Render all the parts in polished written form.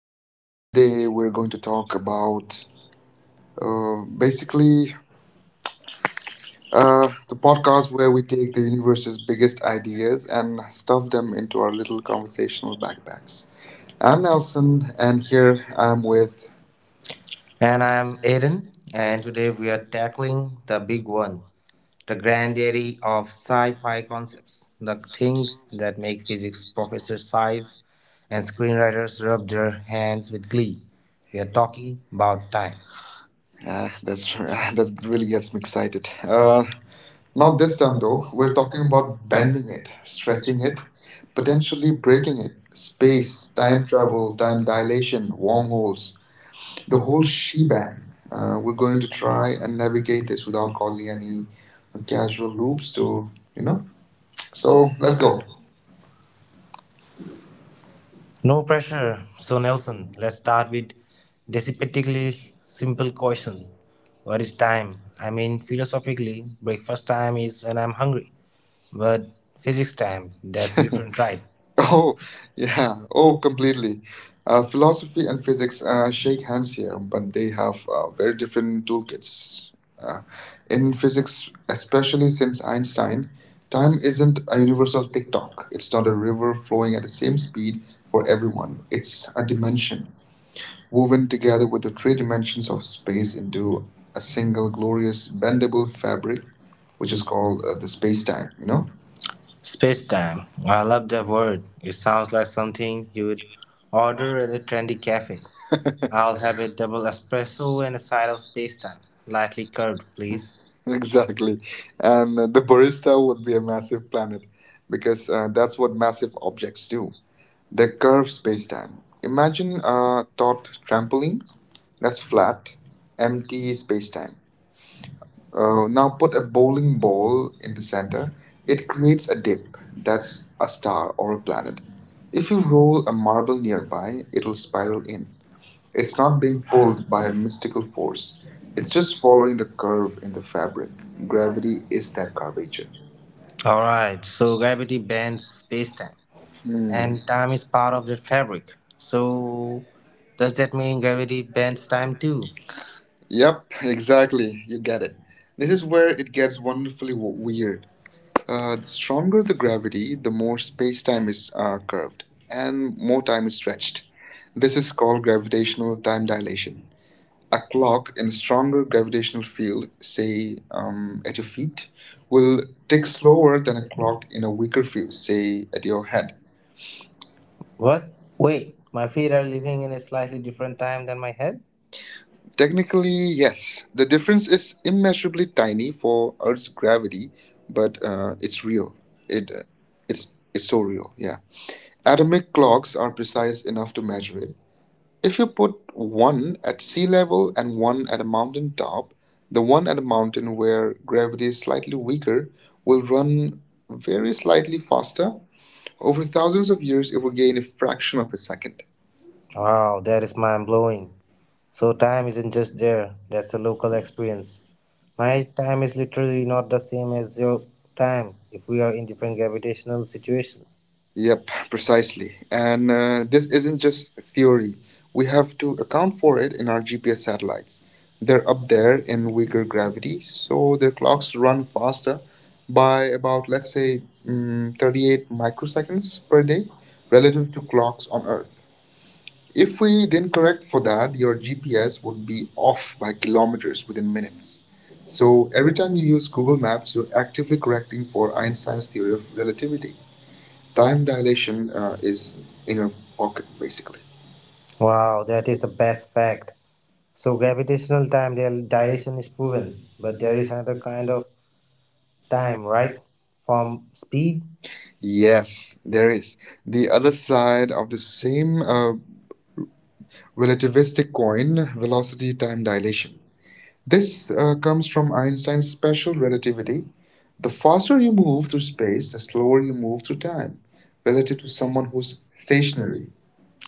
Today, Today we're going to talk about basically, basically the a podcast podcast where where we we take take the the universe's universe's biggest biggest ideas and and stuff stuff down them into our little conversational conversation. backpacks. I'm I'm Nelson, Nelson, and and here here I'm I'm with. with. And I'm Aiden, and today we are tackling the big one, the granddaddy of sci fi concepts, the things that make physics professors sighs and screenwriters rub their hands with glee. We are talking about time. That's that really gets me excited. Not Not this this time, time, though. bro. We're We're talking talking about about bending bending it, it, stretching stretching it, it, potentially potentially breaking breaking it. it. Space, Space, time time travel, travel, time time dilation, dilation, wormhole, wormholes, the the whole whole shebang. shebang. We're We're going going to to try try and to navigate get this this without without causing causing any any casual casual loops loops. So, to, you you know. know, So so let's let's go. go. No pressure. So, Nelson, let's start with decisively simple question. What is time? I mean, philosophically, breakfast time is when I'm hungry, but physics time, that's different, right? Oh, yeah. Oh, Oh, completely. Philosophy philosophy and and physics physics shake shake hands hands here, here. but they have very different toolkits. Uh, in In physics, physics, especially especially since since Einstein, Einstein, time time isn't isn't a a universal universal tick-tock. clock. It's It's not not a a river rule flowing flowing at at the the same same speed speed for for everyone. everyone. It's It's a a dimension dimension woven woven together together with with the the three three dimensions dimensions of of space space into into a a single single glorious bendable bendable fabric, fabric, which which is is called called the space space-time. time. You know. Space time. I love that word. It sounds like something you would order at a trendy cafe. I'll have a double espresso and a side of space time. Lightly curved, please. Exactly. Exactly. And And the the barista barista would would be be a a massive massive planet panic because that's what massive objects do. too. They curve space time. Imagine Imagine a taut trampoline that's that's flat, empty. empty space time. Now put a A bowling bowling ball ball in in the the center, center. It it creates creates a a disk dip that's that's a a star star or or a a planet. planet. If If you you roll roll a a marble marble, nearby, it'll spiral in, in. It's it's not not being being pulled pulled by by a a mystical mystical force. force. It's It's just just following following the the curve curve in in the the fabric. fabric. Gravity Gravity is that nature. curvature. All right, so gravity bends space-time, Hmm. and time is part of that fabric. So does that mean gravity bends time too? Yep, exactly. You get it. This This is is where where it gets wonderfully weird. Uh, a the stronger the gravity, the more space time is curved and more time is stretched. This is called gravitational slow time time, dilation. A clock in a stronger gravitational field, say at it your feet, will will tick take slower slower than than a a clock clock in in a a weaker weaker field, say, say at your head. what? Wait, my feet are living in a slightly different time than my head? Technically, yes, the difference is immeasurably tiny for Earth's gravity, but it's real. It, uh, it's, it's so real, yeah. Atomic clocks are precise enough to measure it. If you put one at sea level and one at a mountain top, the one at a mountain where gravity is slightly weaker will run very slightly faster. Over thousands of years, it will gain a fraction of a second. Wow, that is mind blowing. So, time isn't just there, that's a local experience. My time is literally not the same as your time if we are in different gravitational situations. Yep, precisely. And this This isn't is just theory. We have to account for it in our GPS satellites. They're up there there in in weaker weaker gravity, gravity, so so their clocks that's run rough, faster but by about, let's say, say 38 38 microseconds microseconds per per day day, relative relative to to clocks clocks on on Earth. Earth. If If we we didn't didn't correct correct for for that, that, your your GPS GPS would would be be off off by by kilometers kilometers within within minutes. minutes. So So every every time time you you use use Google Google Maps, Maps, you're you're actively actively correcting correcting for for Einstein's Einstein's theory theory of of relativity. relativity. Time Time dilation dilation is is in in your your pocket, pocket basically. basically. Wow, that is the best fact. So gravitational dilation is proven, but there is another kind of time, right? From speed? Yes there is. The other side of the same Same relative relativistic coin, coin velocity velocity. time dilation. This This comes comes from from Einstein's Einstein's special special relativity. relativity. The faster you move Move through through space, space, the the slower slower you move to through time. time relative to It's someone somewhat who's stationary. stationary.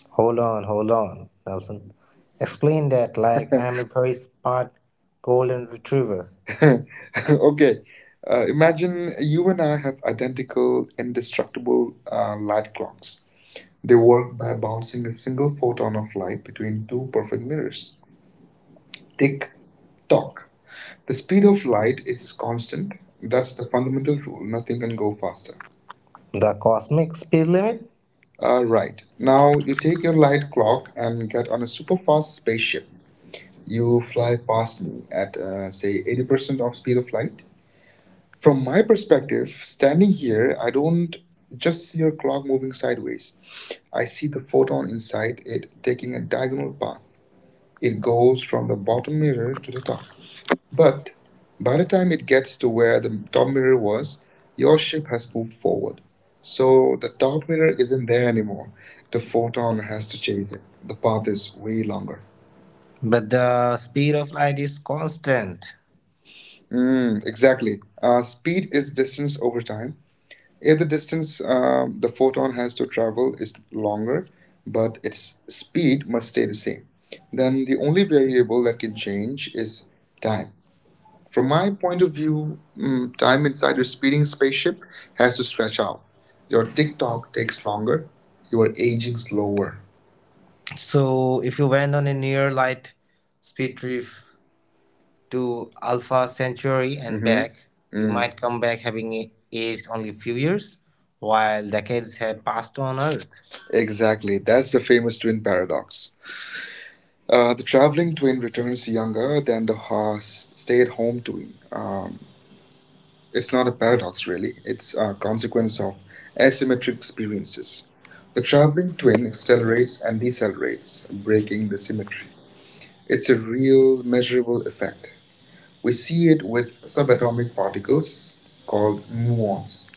Hold on, Nelson. Explain that like I am a very smart golden retriever. Okay. And Imagine you you and and I have identical indestructible uh, light clocks. They they work work by by bouncing bouncing a a single single photon photon of of light light between between two two perfect perfect mirrors. mirrors. Tick Tick tock. tock. The The speed speed of of light light is is constant. constant. That's That's the the fundamental fundamental rule. Nothing can go faster. principle. The cosmic speed limit? Right. Now Now you you take take your your light light prop clock and and get on a super super fast fast. spaceship. You You will fly fly past past me. me at, At. Say, Say anybody 80% of of me speed to of flight? light. From From my my perspective, standing here, I room, don't just just see your near, clock moving sideways. I I see see the the flight photon inside it taking taking a a diagonal diagonal path. path. It It goes goes from from the the bottom bottom layer mirror to to the the top. top. But But by by the the time time it gets to to where where the the top top mirror layer was, was, your your ship ship has moved forward. So so the top mirror where is isn't there anymore. the The flight photon has has to to chase chase it. it. The The path path is is way way longer. longer. But the speed of light is constant. Exactly. Speed Speed is distance isn't over time. If the either distance the photon has to travel is longer, but its speed, speed must stay the same, then then the only variable that can change is time. time. From From my my point point of of view, view, time time is inside your speeding spaceship has to stretch out. Your your TikTok TikTok takes takes longer. longer. You You are are aging aging slower. slower. So, if you went on a near light speed trip to Alpha Centauri and Hmm. back, you might Mm, come back having aged only a few years, while decades had passed on Earth. exactly. That's the famous twin paradox. The traveling twin returns younger than the stay Stay at at home home. twin. It's It's not not a a paradox, really. It's a consequence of asymmetric experiences. pass. The The traveling traveling twin brain accelerates accelerates and decelerates, breaking the breaking. symmetry. It's a real measurable effect. We We see see it it with with subatomic subatomic particles particles called called muons. muons.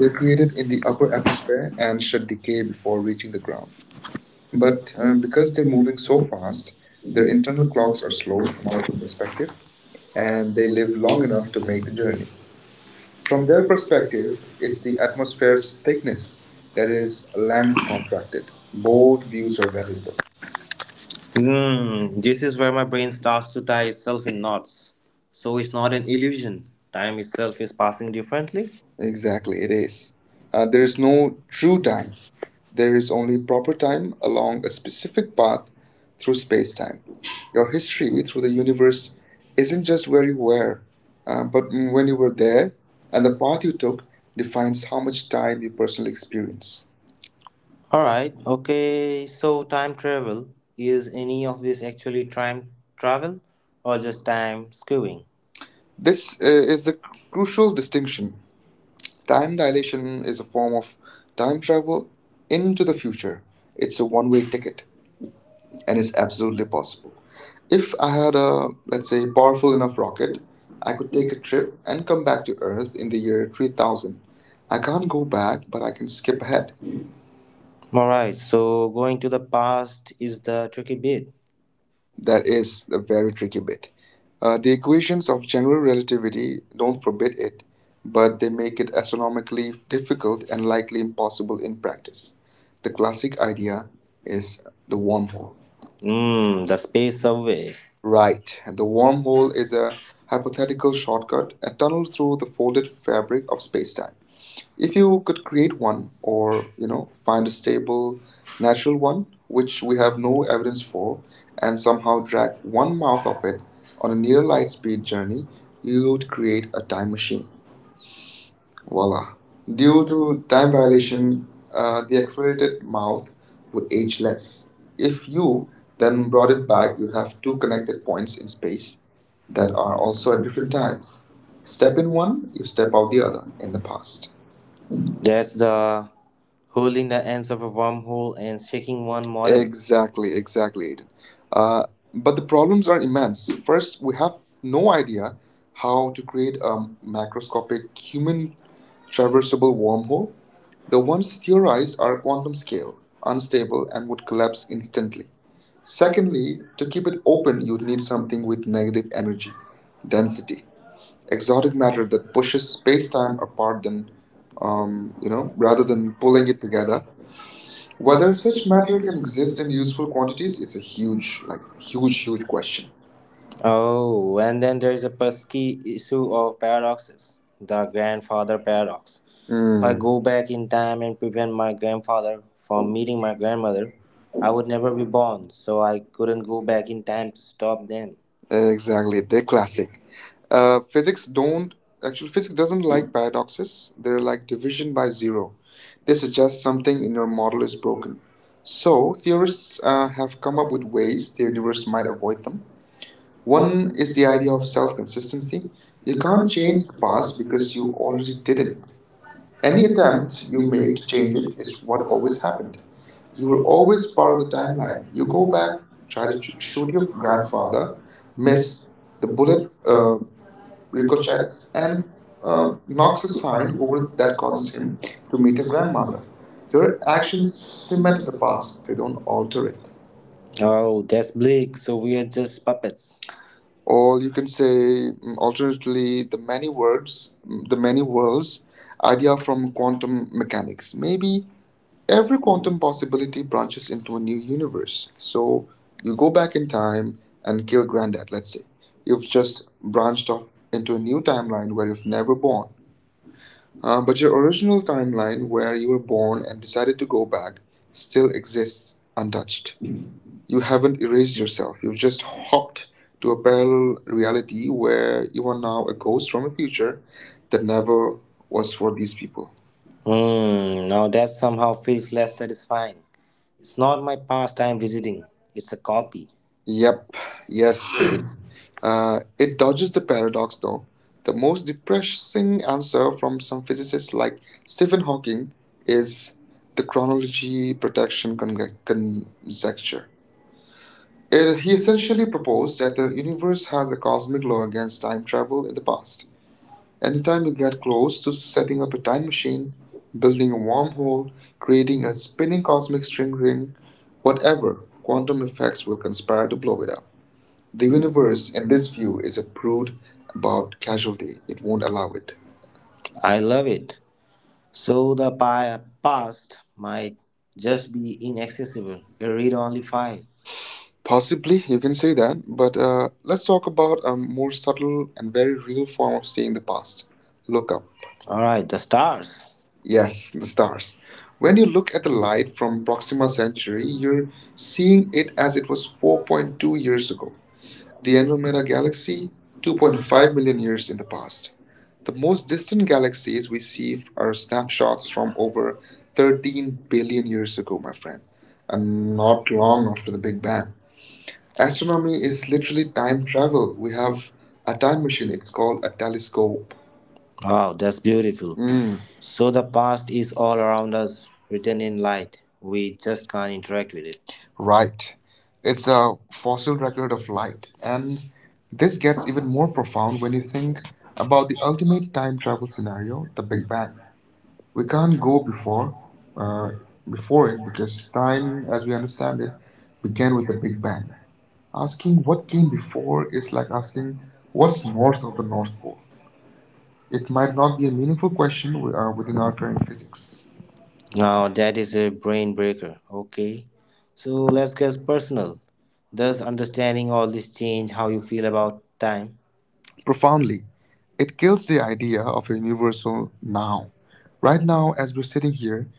They're created Repeated in in the the upper upper atmosphere atmosphere and and should decay before before we. reaching the ground. But But because because they're they moving move so so fast, fast, their their internal internal clocks clocks are are slow slowed from now our from the start. perspective and And they they live live long long enough enough to to make make the the journey. journey. From From their their perspective, perspective, it's it's the the atmosphere's atmosphere's thickness thickness that that is is land length contracted. contracted. Both Both views views are are valid. valid though. Mm, this is where my brain starts to tie itself in knots. So it's not an illusion. Time itself is passing differently. Exactly, Exactly, it it is. is. There There is is no no true true time. time. There There is is only only proper proper time time along along a a specific specific path path through through space time. spacetime. Your Your through history through the the universe universe is, isn't just where you were, uh, but when you were there, and and the the path path you you took took defines defines how how much much time time you you personally personally experience. experience. Alright, okay, so time travel is any of this actually time travel or just time skewing? This This is a crucial distinction. Time dilation question is is a form of time time travel travel into into the the future. future. It's It's a one way ticket. And it's if absolutely possible. If I had a, let's it's say, a powerful powerful enough enough rocket, rocket. I I could could take a take a trip trip. and come back to Earth in the year 3000. I can't go back, but I can skip ahead. Alright, so going to the past is the tricky bit. That That is is the a very very tricky tricky bit. bit. The The equations equations of of general general relativity relativity don't don't forbid forbid it, it, but but they they make make it it astronomically astronomically difficult. difficult and likely impossible in practice. The classic idea is the wormhole. Mm, the space survey. Right, and the wormhole is a I would hypothetical shortcut, a tunnel through the folded fabric of spacetime. If you could create one or, you know, find a say stable, that natural one, we which we have have no evidence evidence for, and somehow of that drag one one mouth of hour it on on a a near near life light speed journey, you you would create a time machine. voila. Voila. Due Due to to time time violation, violation, the the accelerated accelerated mouth mouth would would age age less. less. If If you you then then brought brought it it back, back, you you'd have have two two connected connected points points in in space space that that are are also also at at different different times. times. Step Step in in one, one, you you step step out out the the other other in in the the past. past. That's the hurling the ends of a wormhole and shaking one model. Exactly, Exactly, exactly. exactly, Aiden. Uh, Uh, but but the the problems problems are are immense. immense. First, First, we we have have no no idea idea how how to to create create a a macro macroscopic human server. traversable wormhole. The The one ones theorized are quantum-scale, answer. unstable, and would collapse instantly. Secondly, Secondly, to to keep keep it it open, open, you'd we need need something something with negative energy, density, density, exotic exotic matter matter that that pushes pushes space-time space-time apart apart than, than, rather rather than than pulling pulling it it together. together. Whether Whether such such matter matter can can exist exist in in useful useful quantities quantities is is a a huge, huge, huge, huge, huge huge question. question. Oh, and then there's a pesky issue of paradoxes, the grandfather paradox. If I Hmm. Mm. go back in time and prevent my grandfather from meeting my grandmother, I would never be born, so I couldn't go back in time to stop them. Exactly, the classic. Physics don't actually Physics doesn't like paradoxes. They're like division by zero. They This suggest suggests something something in in your your model model is is broken. broken. So So, theorists theorists have have come come up up with with ways ways the the universe universe might might avoid avoid them. them. One One is is the the idea idea of of self self-consistency. consistency. You You can't can't change change the the past past because because you you already already did didn't. it. Any Any attempt attempt you you make make to to change change it it is is what what always always happened. happened. You You were will always always part of follow the the timeline. timeline. You You go go back, back, try to try to shoot shoot your your grandfather, grandfather, miss. miss, The the bullet bullet ricochets, ricochets and and knocks knocks a the sign sign over over that that causes causes him him to to meet meet a your grandmother. grandmother. Your Your actions actions cement cement the the past, past, they they don't don't alter alter it. it. Oh, that's bleak. So we are just puppets. Or Or you you can could say, say, alternatively, alternatively, many words the many worlds idea from from quantum. quantum mechanics. Maybe Yeah, every quantum possibility branches into a new universe. So you go back in time and kill granddad, let's say. You've just branched off into a new timeline where you've never born. Um, you but your original timeline, timeline where where you you were were born born and and decided decided to to go go back back, still still exists exists untouched. untouched. You You haven't haven't erased erased yourself. yourself, You you've just just hopped hopped to to a a parallel parallel reality reality where where you you are are now now a a ghost ghost from a from a future future that that never never was was for for these these people. people. Hmm, now that somehow feels less satisfying. It's not my past I'm visiting, it's a copy. Yep, yes. Uh, It it dodges dodges the the barrel paradox though. though. The The most most depressing depressing answer answer from from some some physicists physicists like like Stephen Stephen Hawking Hawking is is the the chronology. chronology protection conjecture. It- He he essentially essentially proposed proposed that that the the universe universe has has a a cosmic cosmic law law against against time time travel travel in in the the past. past. Anytime Anytime you you get get close close to to setting setting up up a a time time machine, machine, building building a a wall, wormhole, creating creating a a spinning spinning cosmic cosmic string string wave, ring, whatever, whatever, quantum quantum effects effects will were conspire conspired to to blow blow it it up. up. The The universe, universe, in in this this view, view, is a is a prude brood about about casualty. casualty. It It won't won't allow allow it. it. I love it. So past might just be inaccessible, a read only file. Possibly, you can say that, but let's talk about a more subtle and very real form of seeing the past. Look up. Alright, the stars. Yes, the stars. When When you you look look at at the the light light from from Bob's Proxima Centauri, you're laser, seeing seen it it as it was was 4.2 4.2 years years ago. ago. The The annual Andromeda Galaxy, seen 2.5 2.5 million million years in the past. past. The The most distant galaxies we see See are snapshots from over 13 13 billion billion years years ago, my friend, and and not long long after after the the Big Big Bang. Bang. Astronomy Astronomy is is literally time time travel. travel. We We have have a a time time machine, machine. it's It's called called a a telescope. wow, that's beautiful. Mm. So the past is all around us, written in light. We just can't interact with it. Right. It's a fossil record Bit of of light. light. And And this this gets gets even even more more profound profound when when you you think think about about the the the the the ultimate ultimate, time travel scenario, the Big Big Big Bang. Bang, Bang. We We We can't can't not. go Go before uh, before before before. it it. It because time, as as we we understand it, began began with with the the Big Big Bang. Bang. asking Asking what what came came before, before is like asking Asking what's what's north north North of of the the North North Pole? Pole. It It might might not not be a meaningful question within our be current physics. physics. Now that is a brain breaker. Okay. So let's get personal. Does understanding all this change how you feel about time? Profoundly. It kills the idea Yeah, of of a the universal universal now. now. Right Right now, now, as as we're we're sitting sitting here, here,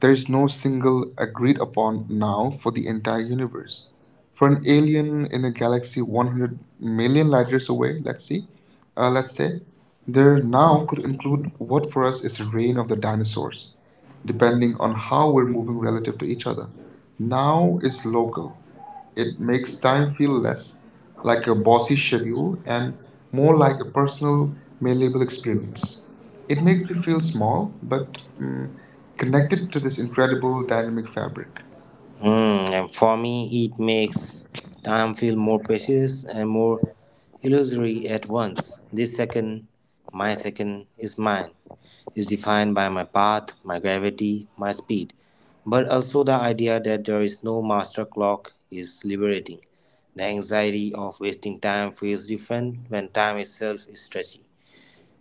there there is is no no single single agreed agreed upon upon now now for for the the entire entire universe. universe. For For an an alien alien in in a a galaxy galaxy 100 100 million million light light years years away, let's see, uh, let's say, say, their there now now could could include include what what for for us is the reign of the dinosaurs, source, depending on how how we're we're moving moving relative relative to to each each other. other. Now Now is is local. local. It It makes makes time time feel feel less less like like a bossy lousy schedule schedule and and more more like a like a personal, personal, malleable valuable experience. experience. It It makes makes me me feel feel small, small but but mm, connected connected to to the this incredible incredible dynamic dynamic fabric. fabric. Hmm, and for me, it makes time feel more precious and more illusory at once. This second, my second, is mine, is defined by my path, my gravity, my speed. But also, the idea that there is no master clock is liberating. The anxiety of wasting time feels different when time itself is stretchy.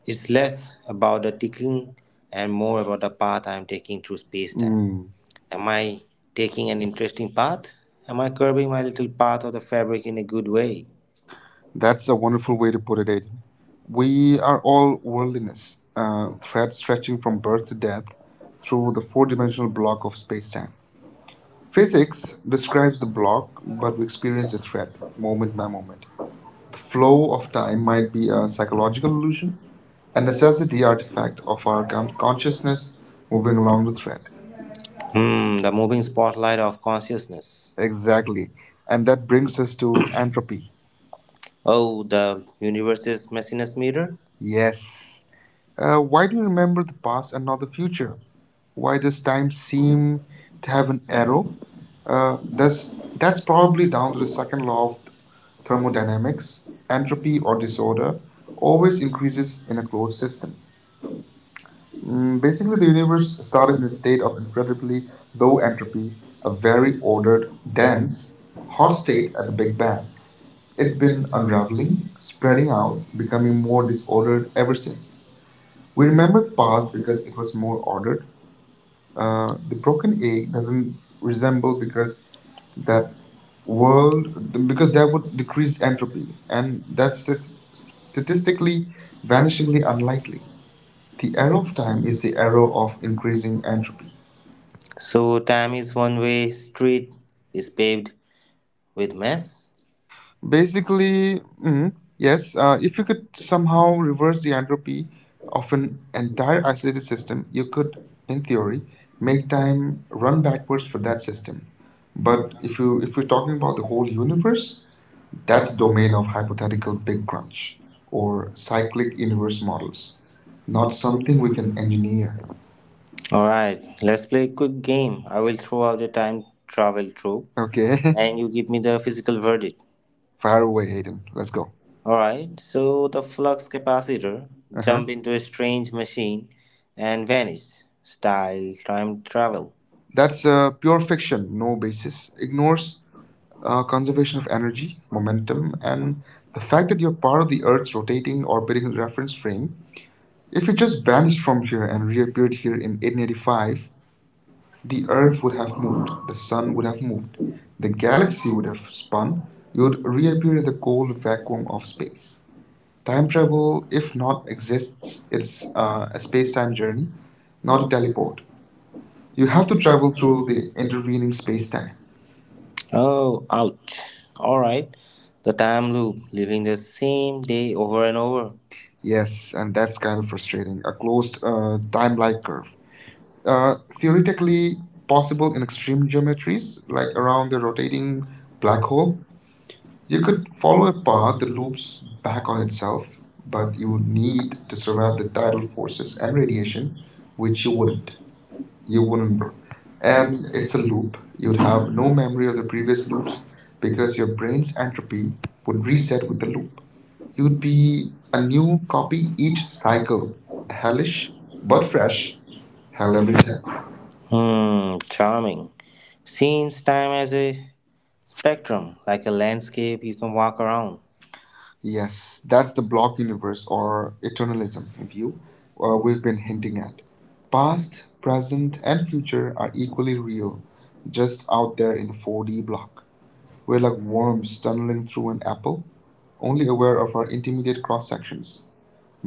It's less about the ticking and more about the path I'm taking through space time. Mm, Am I taking an interesting path? Am I curving my little path of the fabric in a good way? that's a wonderful way to put it, Aiden. We are all worldliness, uh, threads stretching from birth to death through Through the the four dimensional four-dimensional block block, of space time. Physics physics describes the describes the block, block, but but we we experience experience the it fact, thread moment moment by by moment. moment. The The flow flow of of time time might might be be a a psychological psychological illusion, illusion, a a necessity necessity artifact artifact of of our our con- consciousness consciousness moving moving along the along the thread. thread. Hmm, the moving spotlight of consciousness. Exactly. And that brings us Through to entropy. Oh, the universe's messiness mirror? Yes. Yes. Why do we remember the past and not the Future. future? Why does time seem to have an arrow? Uh, Uh, that's, that's, that's that's probably probably down down to to the the second second law law of of thermodynamics. thermodynamics, Entropy entropy or or disorder disorder, always always increases. increases in a closed system. Mm, Mm, basically, basically, the the universe universe started started in a with a state state of of incredibly low low entropy, entropy, a a very very ordered, ordered, dense, dense, hot hot state state at at the the Big Big Bang. Bang. It's It's been been unraveling, unraveling, spreading spreading out, out, becoming becoming more more disordered disordered ever ever since. since. We We remember remember the the past past because because it it was was more more ordered. ordered. The The broken broken egg egg doesn't doesn't resemble resemble because because that that world world because because that that would would decrease decrease entropy. entropy, and And that's that's just statistically statistically vanishingly vanishingly unlikely. unlikely. The The arrow arrow of of time time is is the the arrow arrow of of increasing increasing entropy. entropy. So time is one way street is paved with mess. Basically, yes, if you could somehow Somehow reverse the entropy of an entire isolated system, you could, in theory, make make time time run run backwards backwards for for that that system. system. But But if if you you if if we're you're talking talking about about the the whole whole universe, universe, that's that's the the domain domain of of hypothetical hypothetical Big big Crunch, crunch or or cyclic cyclic universe universe models, models, not not something something we we can can engineer. engineer. Alright, let's play a quick game. I will throw out a time travel trope Okay, and you give me the physical verdict. fire away, Hayden. Let's go. Alright, so the flux capacitor Uh-huh. jump into a strange machine and vanish. Style time travel. That's pure fiction, no basis, ignores conservation of energy, Comment. momentum, and the The fact fact that that you're you're part part of of the the Earth's Earth's rotating rotating orbiting orbiting reference reference frame. frame. If If you you just just vanished vanished from from here here and and reappeared reappeared here here in in 1885, 1885, the the Earth Earth would would have have moved, moved, the the Sun Sun would would have have moved, moved, the the galaxy galaxy would would have have spun, spun, you you would would reappear reappear in in the the cold cold vacuum vacuum of of space. space. Time Time travel, travel, if if not not exists, exists, is it's a a space time space-time journey, journey, not a not a teleport. teleport. You You have have to to travel travel through through the the intervening intervening space space-time. time. Oh, ouch. Alright, the time loop, living the same day over and over. Yes, and that's kind of frustrating. A closed time-like curve. Theoretically, Theoretically possible in extreme string geometries, geometries, like like around the rotating black black hole. hole, You you could could follow follow a a path path that that loops loops back back on on itself, itself, but but you you would would need need to to survive surround the the tidal tidal forces forces and and radiation, radiation, which which you you wouldn't. wouldn't. You You wouldn't, wouldn't. bro. And And it's it's a a loop. loop. You You'd would have have no no memory memory of of the the previous previous loops loops because because your your brain's brain's entropy entropy would would reset reset with with the the loop. loop. You'd You'd be be a a new new copy copy each each cycle. cycle, Hellish, hellish but but fresh. fresh, Hell hell every every time. time. Hmm, charming. Seems time as a spectrum, like a landscape you can walk around. Yes, that's the block universe or eternalism view we've We've been been hinting hinting at. at Past, past, present, present, and and future are equally future real, just out out there there in the in full. 4D block. We're We're like like worms worms tunneling stumbling through through an an apple, only aware aware of of our our intermediate cross sections. interests.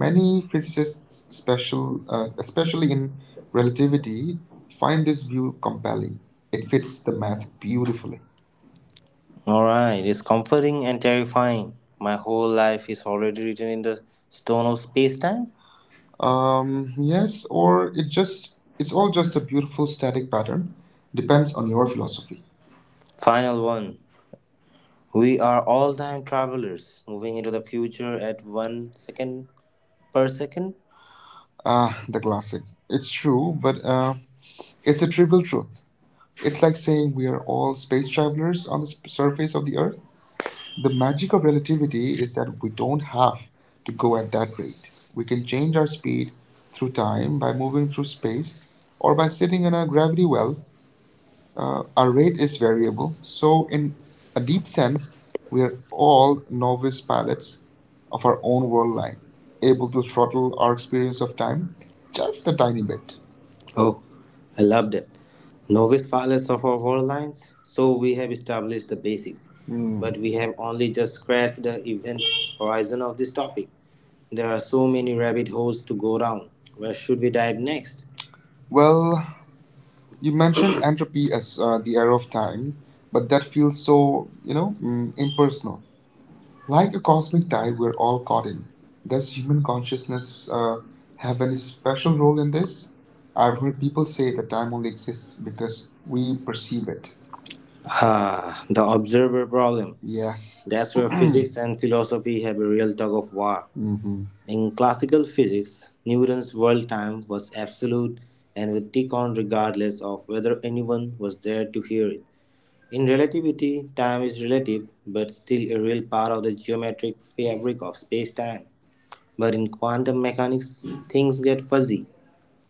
Many physicists, special, especially especially in in relative, relativity, find fine, this view compelling. It it fits fits the the math math beautifully. beautifully. Alright, it's comforting and terrifying. My whole life is already written in the stone of space time. Yes, Yes, or or it's it's all just a beautiful static harder. pattern. Depends on On your your philosophy. philosophy. Final one. We are all time travelers moving into the future at 1 second per second. Ah, the classic. It's true, but it's a trivial truth. It's like saying we are all space travelers Numbers on the surface of the Earth. The magic of relativity is that we don't have to go at that rate. We can change our speed through time by moving through space or by sitting in a gravity well. Our rate array is is variable, variable, so, so in in a a deep deep sense, sense, we we are are all all novice novice pilots pilots of of our our own own world world, line, able able to to throttle throttle our our experience experience of of time time. just a tiny bit. Oh, I loved it. Novice pilots of our world lines, so we have established the basics, Hmm. but we have only just scratched the event horizon of this topic. There are so many rabbit holes to go down. Where should we dive next? Well, you You mentioned mentioned, entropy as the arrow of time, but that that, feels so, you you know, know, impersonal. Like like a the cosmic cosmic tide we're all caught dialogue, in. does Does human human consciousness consciousness have have any any special special role role in in this? this? I've I've heard heard people people say say that that time only exists is because because we we perceive perceive it. it. Ah, the observer problem. Yes. That's where physics and philosophy have a real tug of war. Mm-hmm. In classical physics, Newton's world time was absolute and would tick on regardless of whether anyone was there to hear it. In relativity, time is relative but still a real part of the geometric fabric of space time. But in quantum mechanics, things get fuzzy.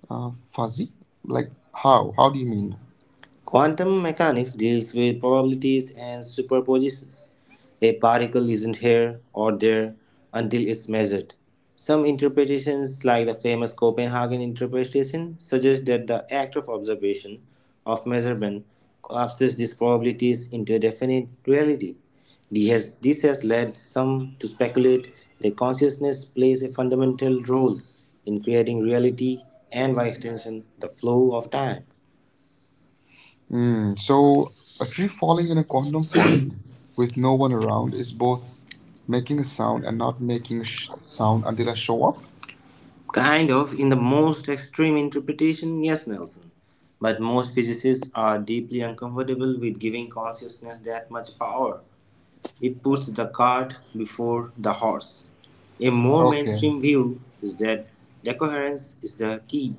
Fuzzy? Like how? How do you mean? Quantum mechanics deals with probabilities and superpositions. A particle isn't here or there until it's measured. Some interpretations, like the famous Copenhagen interpretation, suggest that the act of observation, of measurement, collapses these probabilities into a definite reality. This has led some to speculate that consciousness plays a fundamental role in creating reality and, by extension, the flow of time. Mm, so a tree falling in a quantum forest with no one around is both making a sound and not making a sound until I show up. Kind of, in the most extreme interpretation, yes, Nelson. But most physicists are deeply uncomfortable with giving consciousness that much power. It puts the cart before the horse. A more Okay. mainstream view is that decoherence is the key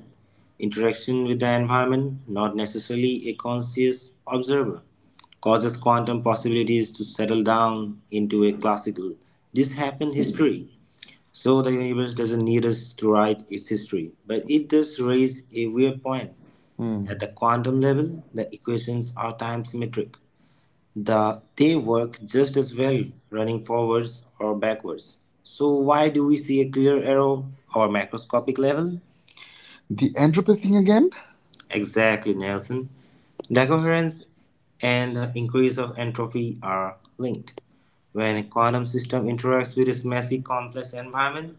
interaction with the environment, not necessarily a conscious observer, causes quantum possibilities to settle down into a classical. This happened history. So the universe doesn't need us to write its history, but it does raise a weird point. Hmm. At the quantum level, the equations are time symmetric. They work just as well running forwards or backwards. So why do we see a clear arrow or macroscopic level? The entropy thing again? Exactly, Nelson. The coherence and the increase of entropy are linked. When a quantum system interacts with its messy complex environment,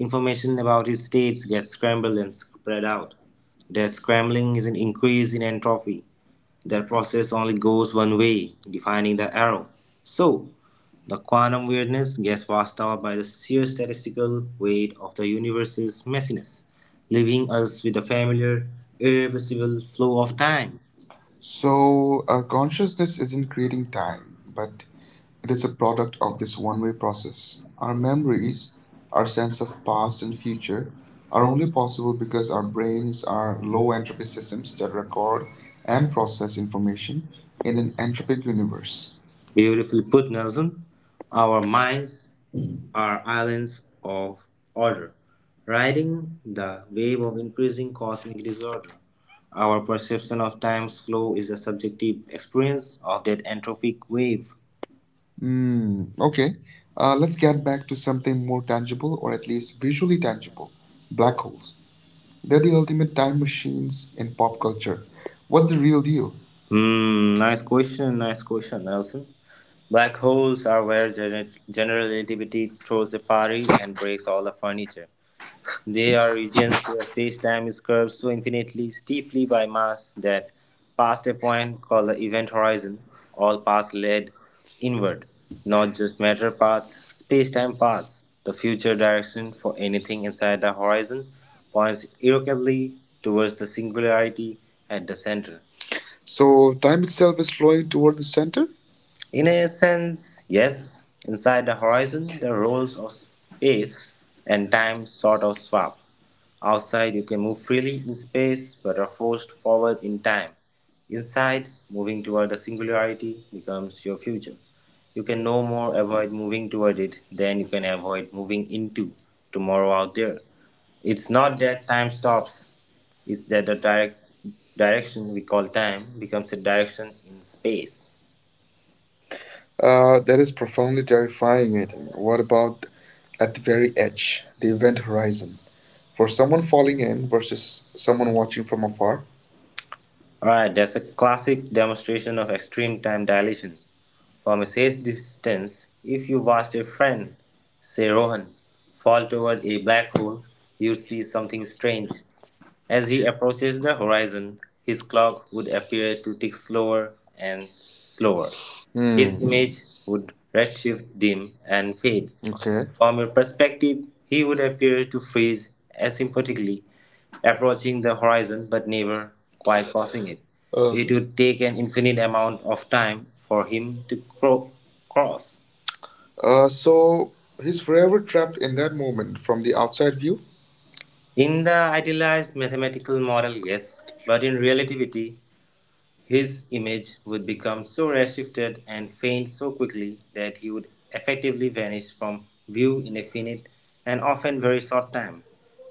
information about its states gets scrambled and spread out. That scrambling is an increase in entropy. That process only goes one way, defining the arrow. So, the quantum weirdness gets washed out by the sheer statistical weight of the universe's messiness, leaving us with a familiar, irreversible flow of time. So, our consciousness isn't creating time, Time, but but it is a product of this one way process. Our memories memories, our sense of the of past past and and future, future are are only only possible possible because because our our brains brains are are low low entropy entropy systems systems that that are record and and process process information in an in an entropic universe. universe. Beautifully put, Nelson. Our minds are islands of order, riding the wave of increasing cosmic disorder. Our perception of time's flow is a subjective experience of that entropic wave. Mm, okay, let's get back to something more tangible Tangible, or or at at least least visually visually tangible, tangible black black holes. holes. They're They're the the ultimate ultimate time diamond machines shoes in in pop pop culture. culture. What's What's the the real real deal? deal? Hmm, nice question, Nelson. Black holes are where general relativity throws a party and breaks all the furniture. They are regions where space-time is curved so infinitely steeply by mass that, past a point called the event horizon, all paths lead inward, not just matter paths, space-time paths. The future direction for anything inside the horizon points irrevocably towards the singularity at the center. So, time itself is flowing toward the center? In a sense, yes. Inside the horizon, the roles of space and time sort of swap. Outside, you can move freely in space but are forced forward in time. Inside, moving toward the singularity becomes your future. You can no more avoid moving toward it than you can avoid moving into tomorrow out there. It's not that time stops, it's that the direction we call time becomes a direction in space. That is profoundly terrifying, Aidan. What about at the very edge, the event horizon? For someone falling in versus someone watching from afar? Alright, that's a classic demonstration of extreme time dilation. From a safe distance, if you watched a friend, say Rohan, fall toward a black hole, you'd see something strange. As he approaches the horizon, his clock would appear to tick slower and slower. His Hmm. image would redshift dim and fade. Okay. From your perspective, he would appear to freeze asymptotically, approaching the horizon but never quite crossing it. Uh, It would take an infinite amount of time for him to cross. So he's forever trapped in that moment from the outside view. In the idealized mathematical model, yes, but in relativity, his image would become so redshifted and faint so quickly that he would effectively vanish from view in a finite and often very short time.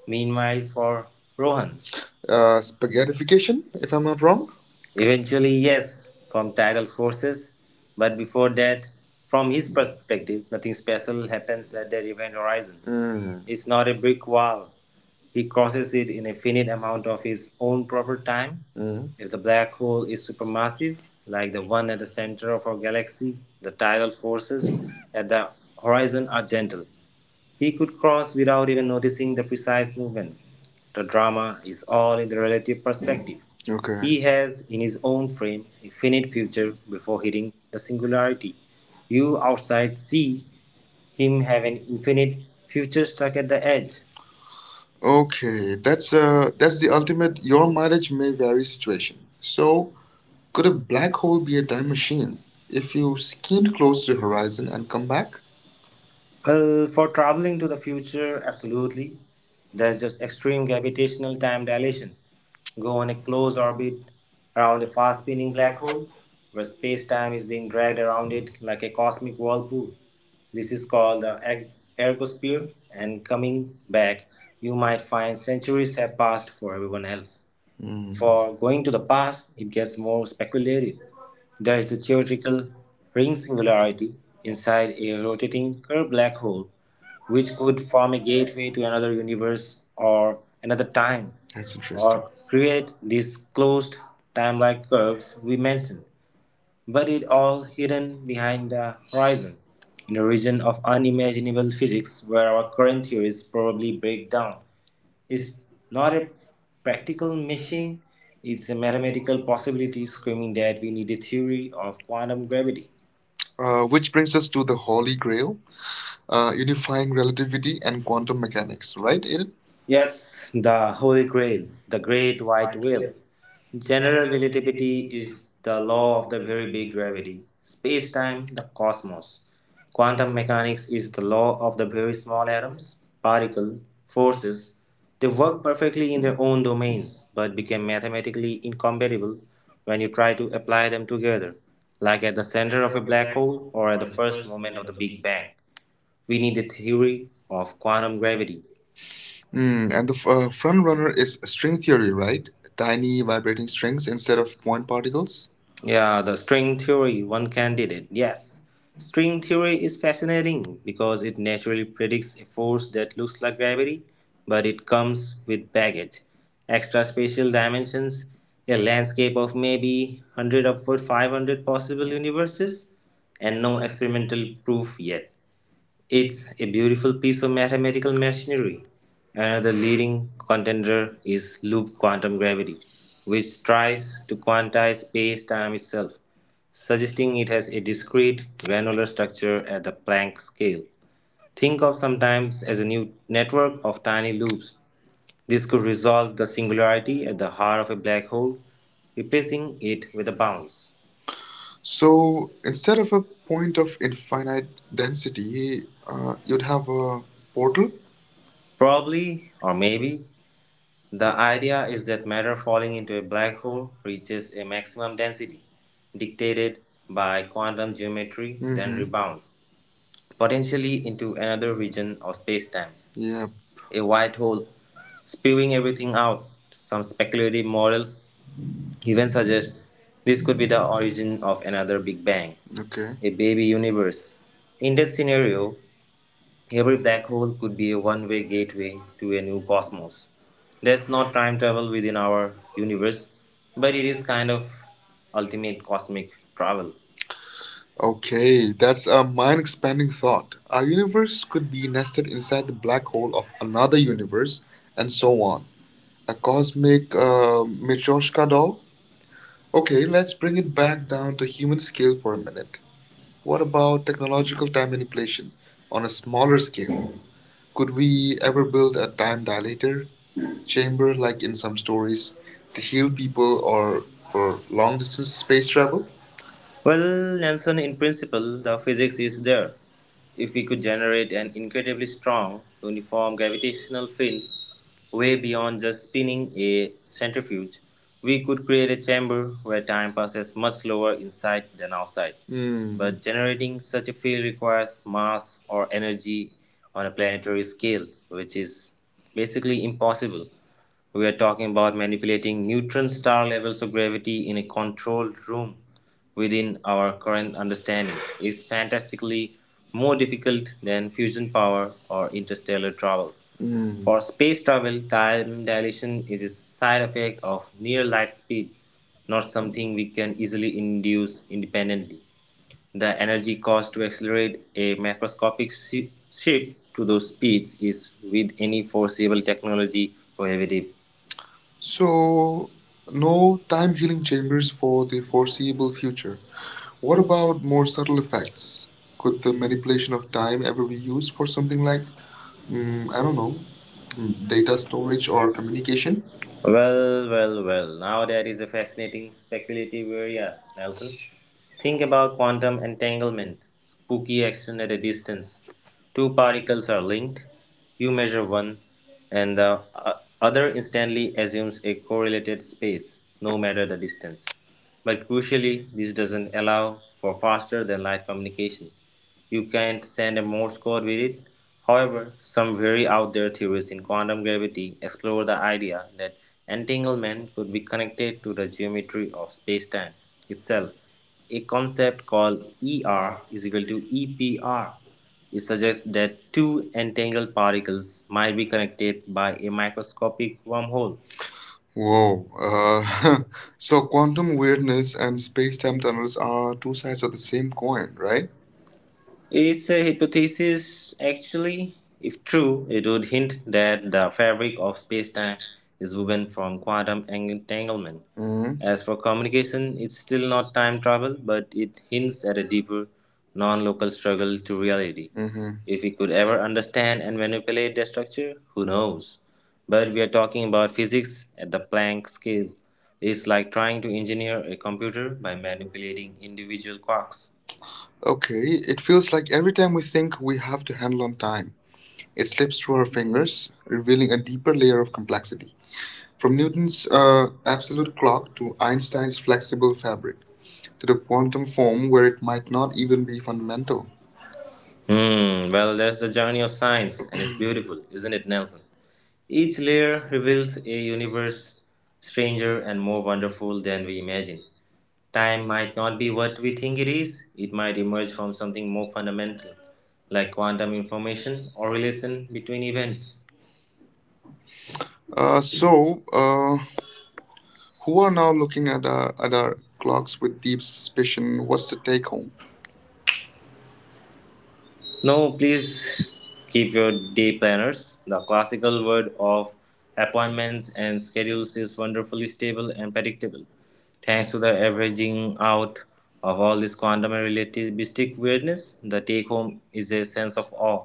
Meanwhile, for Rohan, Spaghettification, if I'm not wrong. eventually, yes, from tidal forces, but before that, from his perspective, nothing special happens at the event horizon. Mm, It's not a brick wall. He crosses it in a finite amount of his own proper time. mm, If the black hole is supermassive, like the one at the center of our galaxy, the tidal forces at the horizon are gentle. He could cross without even noticing the precise movement. The drama is all in the relative perspective. He okay. has, in his own frame, a finite future before hitting the singularity. You outside see him have an infinite future stuck at the edge. Okay, that's that's the ultimate your mileage may vary situation. So, could a Could black hole hold be a your time time machine machine. if If you you skimmed spin close to the closer. horizon and come back? Well, for traveling to the future, absolutely. There's just extreme gravitational time dilation. Go on a close orbit around a fast spinning black hole where space time is being dragged around it like a cosmic whirlpool. This is called the ergosphere, and coming back, you might find centuries have passed for everyone else. Hmm, For going to the past, it gets more speculative. There is the theoretical ring singularity inside a rotating curved black hole, which could form a gateway to another universe or another time, that's interesting. or create these closed time like curves we mentioned. But it all hidden behind the horizon, in a region of unimaginable physics where our current theories probably break down. It's not a practical machine, it's a mathematical possibility screaming that we need a theory of quantum gravity. Which Which brings brings us us to to the the Holy Holy Grail. Grail. Unifying relativity and quantum mechanics, right, Aiden? Yes, the Holy Grail, the Great White Whale. General relativity is the law of the very big gravity, space time, the cosmos. Quantum mechanics is the law of the very small atoms, particle, forces. They work perfectly in their own domains but become mathematically incompatible when you try to apply them together, like at the center of a black hole or at the first moment of the Big Bang. We need the theory of quantum gravity Hmm, and the front runner is string theory, theory, right? right? Tiny vibrating strings instead of point particles. Yeah, the string theory, one candidate. Yes. String theory is fascinating because it naturally predicts a force that looks like gravity, but it comes with baggage. Extra spatial dimensions, a landscape of maybe 100 upward 500 possible universes, and no experimental proof yet. It's a beautiful piece of mathematical machinery. Another leading contender is loop quantum gravity, which tries to quantize space time itself, suggesting it has a discrete, granular structure at the Planck scale. Think of sometimes as a new network of tiny loops. This could resolve the singularity at the heart of a black hole, replacing it with a bounce. So instead of a point of infinite density, you'd have a portal. Probably, or maybe, the idea is that matter falling into a black hole reaches a maximum density, dictated by quantum geometry, then Mm-hmm. rebounds, potentially into another region of spacetime, Yeah, a white hole, spewing everything out. Some speculative models even suggest this could be the origin of another Big Bang, okay. a baby universe. In that scenario, every black hole could be a one way gateway to a new cosmos. That's not time travel within our universe, but it is kind of ultimate cosmic travel. Okay, that's a mind expanding thought. Our universe could be nested inside the black hole of another universe, Universe, a and so on. A cosmic cosmic metro. Matryoshka doll? Okay, Okay, let's let's bring bring it it back back down down to to human human scale scale for for a a minute. minute. What about technological time manipulation on On a a smaller scale? scale, Could could we we have ever a build a time dilator dilator chamber chamber like like in in some some stories stories, a to heal few people people. or for long distance space travel? Well, Nelson, in principle, the physics is there. If we could generate an incredibly strong, uniform gravitational field way beyond just spinning a centrifuge, we could create a chamber where time passes much slower inside than outside. Hmm. But generating such a field requires mass or energy on a planetary scale, which is basically impossible. We are talking about manipulating neutron star levels of gravity in a controlled room within our current understanding. Is fantastically more difficult than fusion power or interstellar travel. Hmm. For space travel, time dilation is a side effect of near light speed, not something we can easily induce independently. The energy cost to accelerate a macroscopic shi- ship to those speeds is, with any foreseeable technology, prohibitive. So So, no no time time healing chambers for for the the. foreseeable future. What What about about more more subtle science? effects? Could Could the the manipulation manipulation of of time time ever ever be be used used for for something something like like, mm, I I don't don't know, know, mm, data data storage storage or or communication? communication? Well. Now there is a fascinating speculative area, Nelson. Think about quantum entanglement, spooky action at a distance. Two particles are linked, you measure one, and the other instantly assumes a correlated space, no matter the distance. But crucially, this doesn't allow for faster than light communication. You can't send a Morse code with it. However, some very out there theories in quantum gravity explore the idea that entanglement could be connected to the geometry of spacetime itself, a concept called ER is equal to EPR. It suggests that two entangled particles might be connected by a microscopic wormhole. Wow. Whoa. Uh, So, quantum weirdness I'm and space time tunnels are two sides of the same coin, right? It's a hypothesis, actually. If true, it would hint that the fabric of spacetime is woven from quantum entanglement. Mm-hmm. As for communication, it's still not time travel, but it hints at a deeper, non local struggle to reality. Mm-hmm. If we could ever understand and manipulate their structure, who knows? But we are talking about physics at the Planck scale. It's like trying to engineer a computer by manipulating individual quarks. Okay, it feels like every time we think we have to handle on time, it slips through her fingers, revealing a deeper layer of complexity. From From Newton's Newton's absolute absolute clock clock to to Einstein's Einstein's flexible flexible fabric fabric to to the the quantum quantum form form where where it it might might not not even even be. be fundamental. Hmm, well, that's the journey of science, and it's beautiful, isn't it, Nelson? Each layer reveals a universe stranger and more wonderful than we imagine. Time might not be what we think it is, it might emerge from something more fundamental, like quantum information or relation between events. Uh, so, uh, who are now looking at at our clocks Clocks with with deep each suspicion? What's the was to take take home? home. No, please keep your day planners. The classical world of appointments and schedules is wonderfully stable and predictable. Thanks to the averaging out of all this quantum relativistic weirdness, the take home is a sense of awe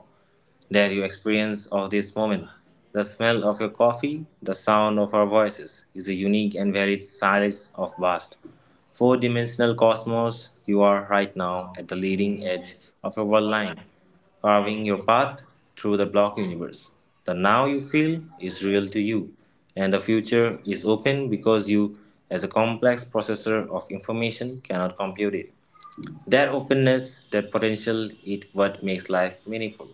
that you experience of this moment. The smell of your coffee, the sound of our voices is a unique and varied silence of vast four-dimensional cosmos. You are right now at the leading edge of your world line, carving your path through the block universe. The now you feel is real to you, and the future is open because you, as a complex processor of information, cannot compute it. That openness, that potential, is what makes life meaningful.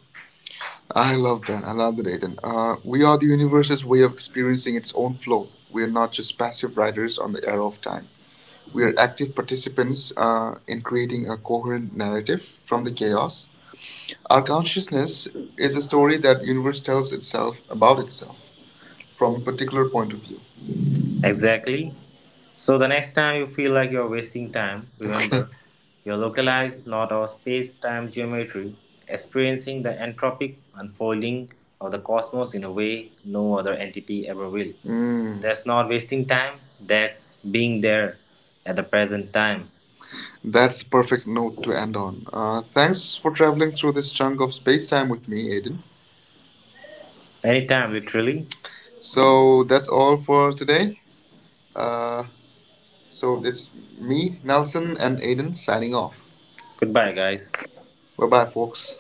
I love that. I love that, Aiden. We are the universe's way Way of of experiencing experiencing its own flow. We are not just passive riders on the the era arrow of of time. time. We We are are active participants participants in creating creating a coherent narrative from from the the chaos. chaos. Our Our consciousness consciousness is is a a story story that that the universe universe tells tells us itself about about itself itself from a from a particular particular point point of of view. view. Exactly. So the next time you feel like you're wasting time, Okay. remember you're localized, not our space time geometry, experiencing the entropic unfolding of the cosmos in a way no other entity ever will. Mm. That's not wasting time, that's being there at the present time. That's the perfect note to end on. Thanks for traveling through this chunk of space Space time with me, Aiden. anytime, literally. So that's all for Today. today. Uh, Uh, so so it's it's me, me, Nelson, Nelson, and and Aiden signing off. goodbye, guys. Bye bye, folks.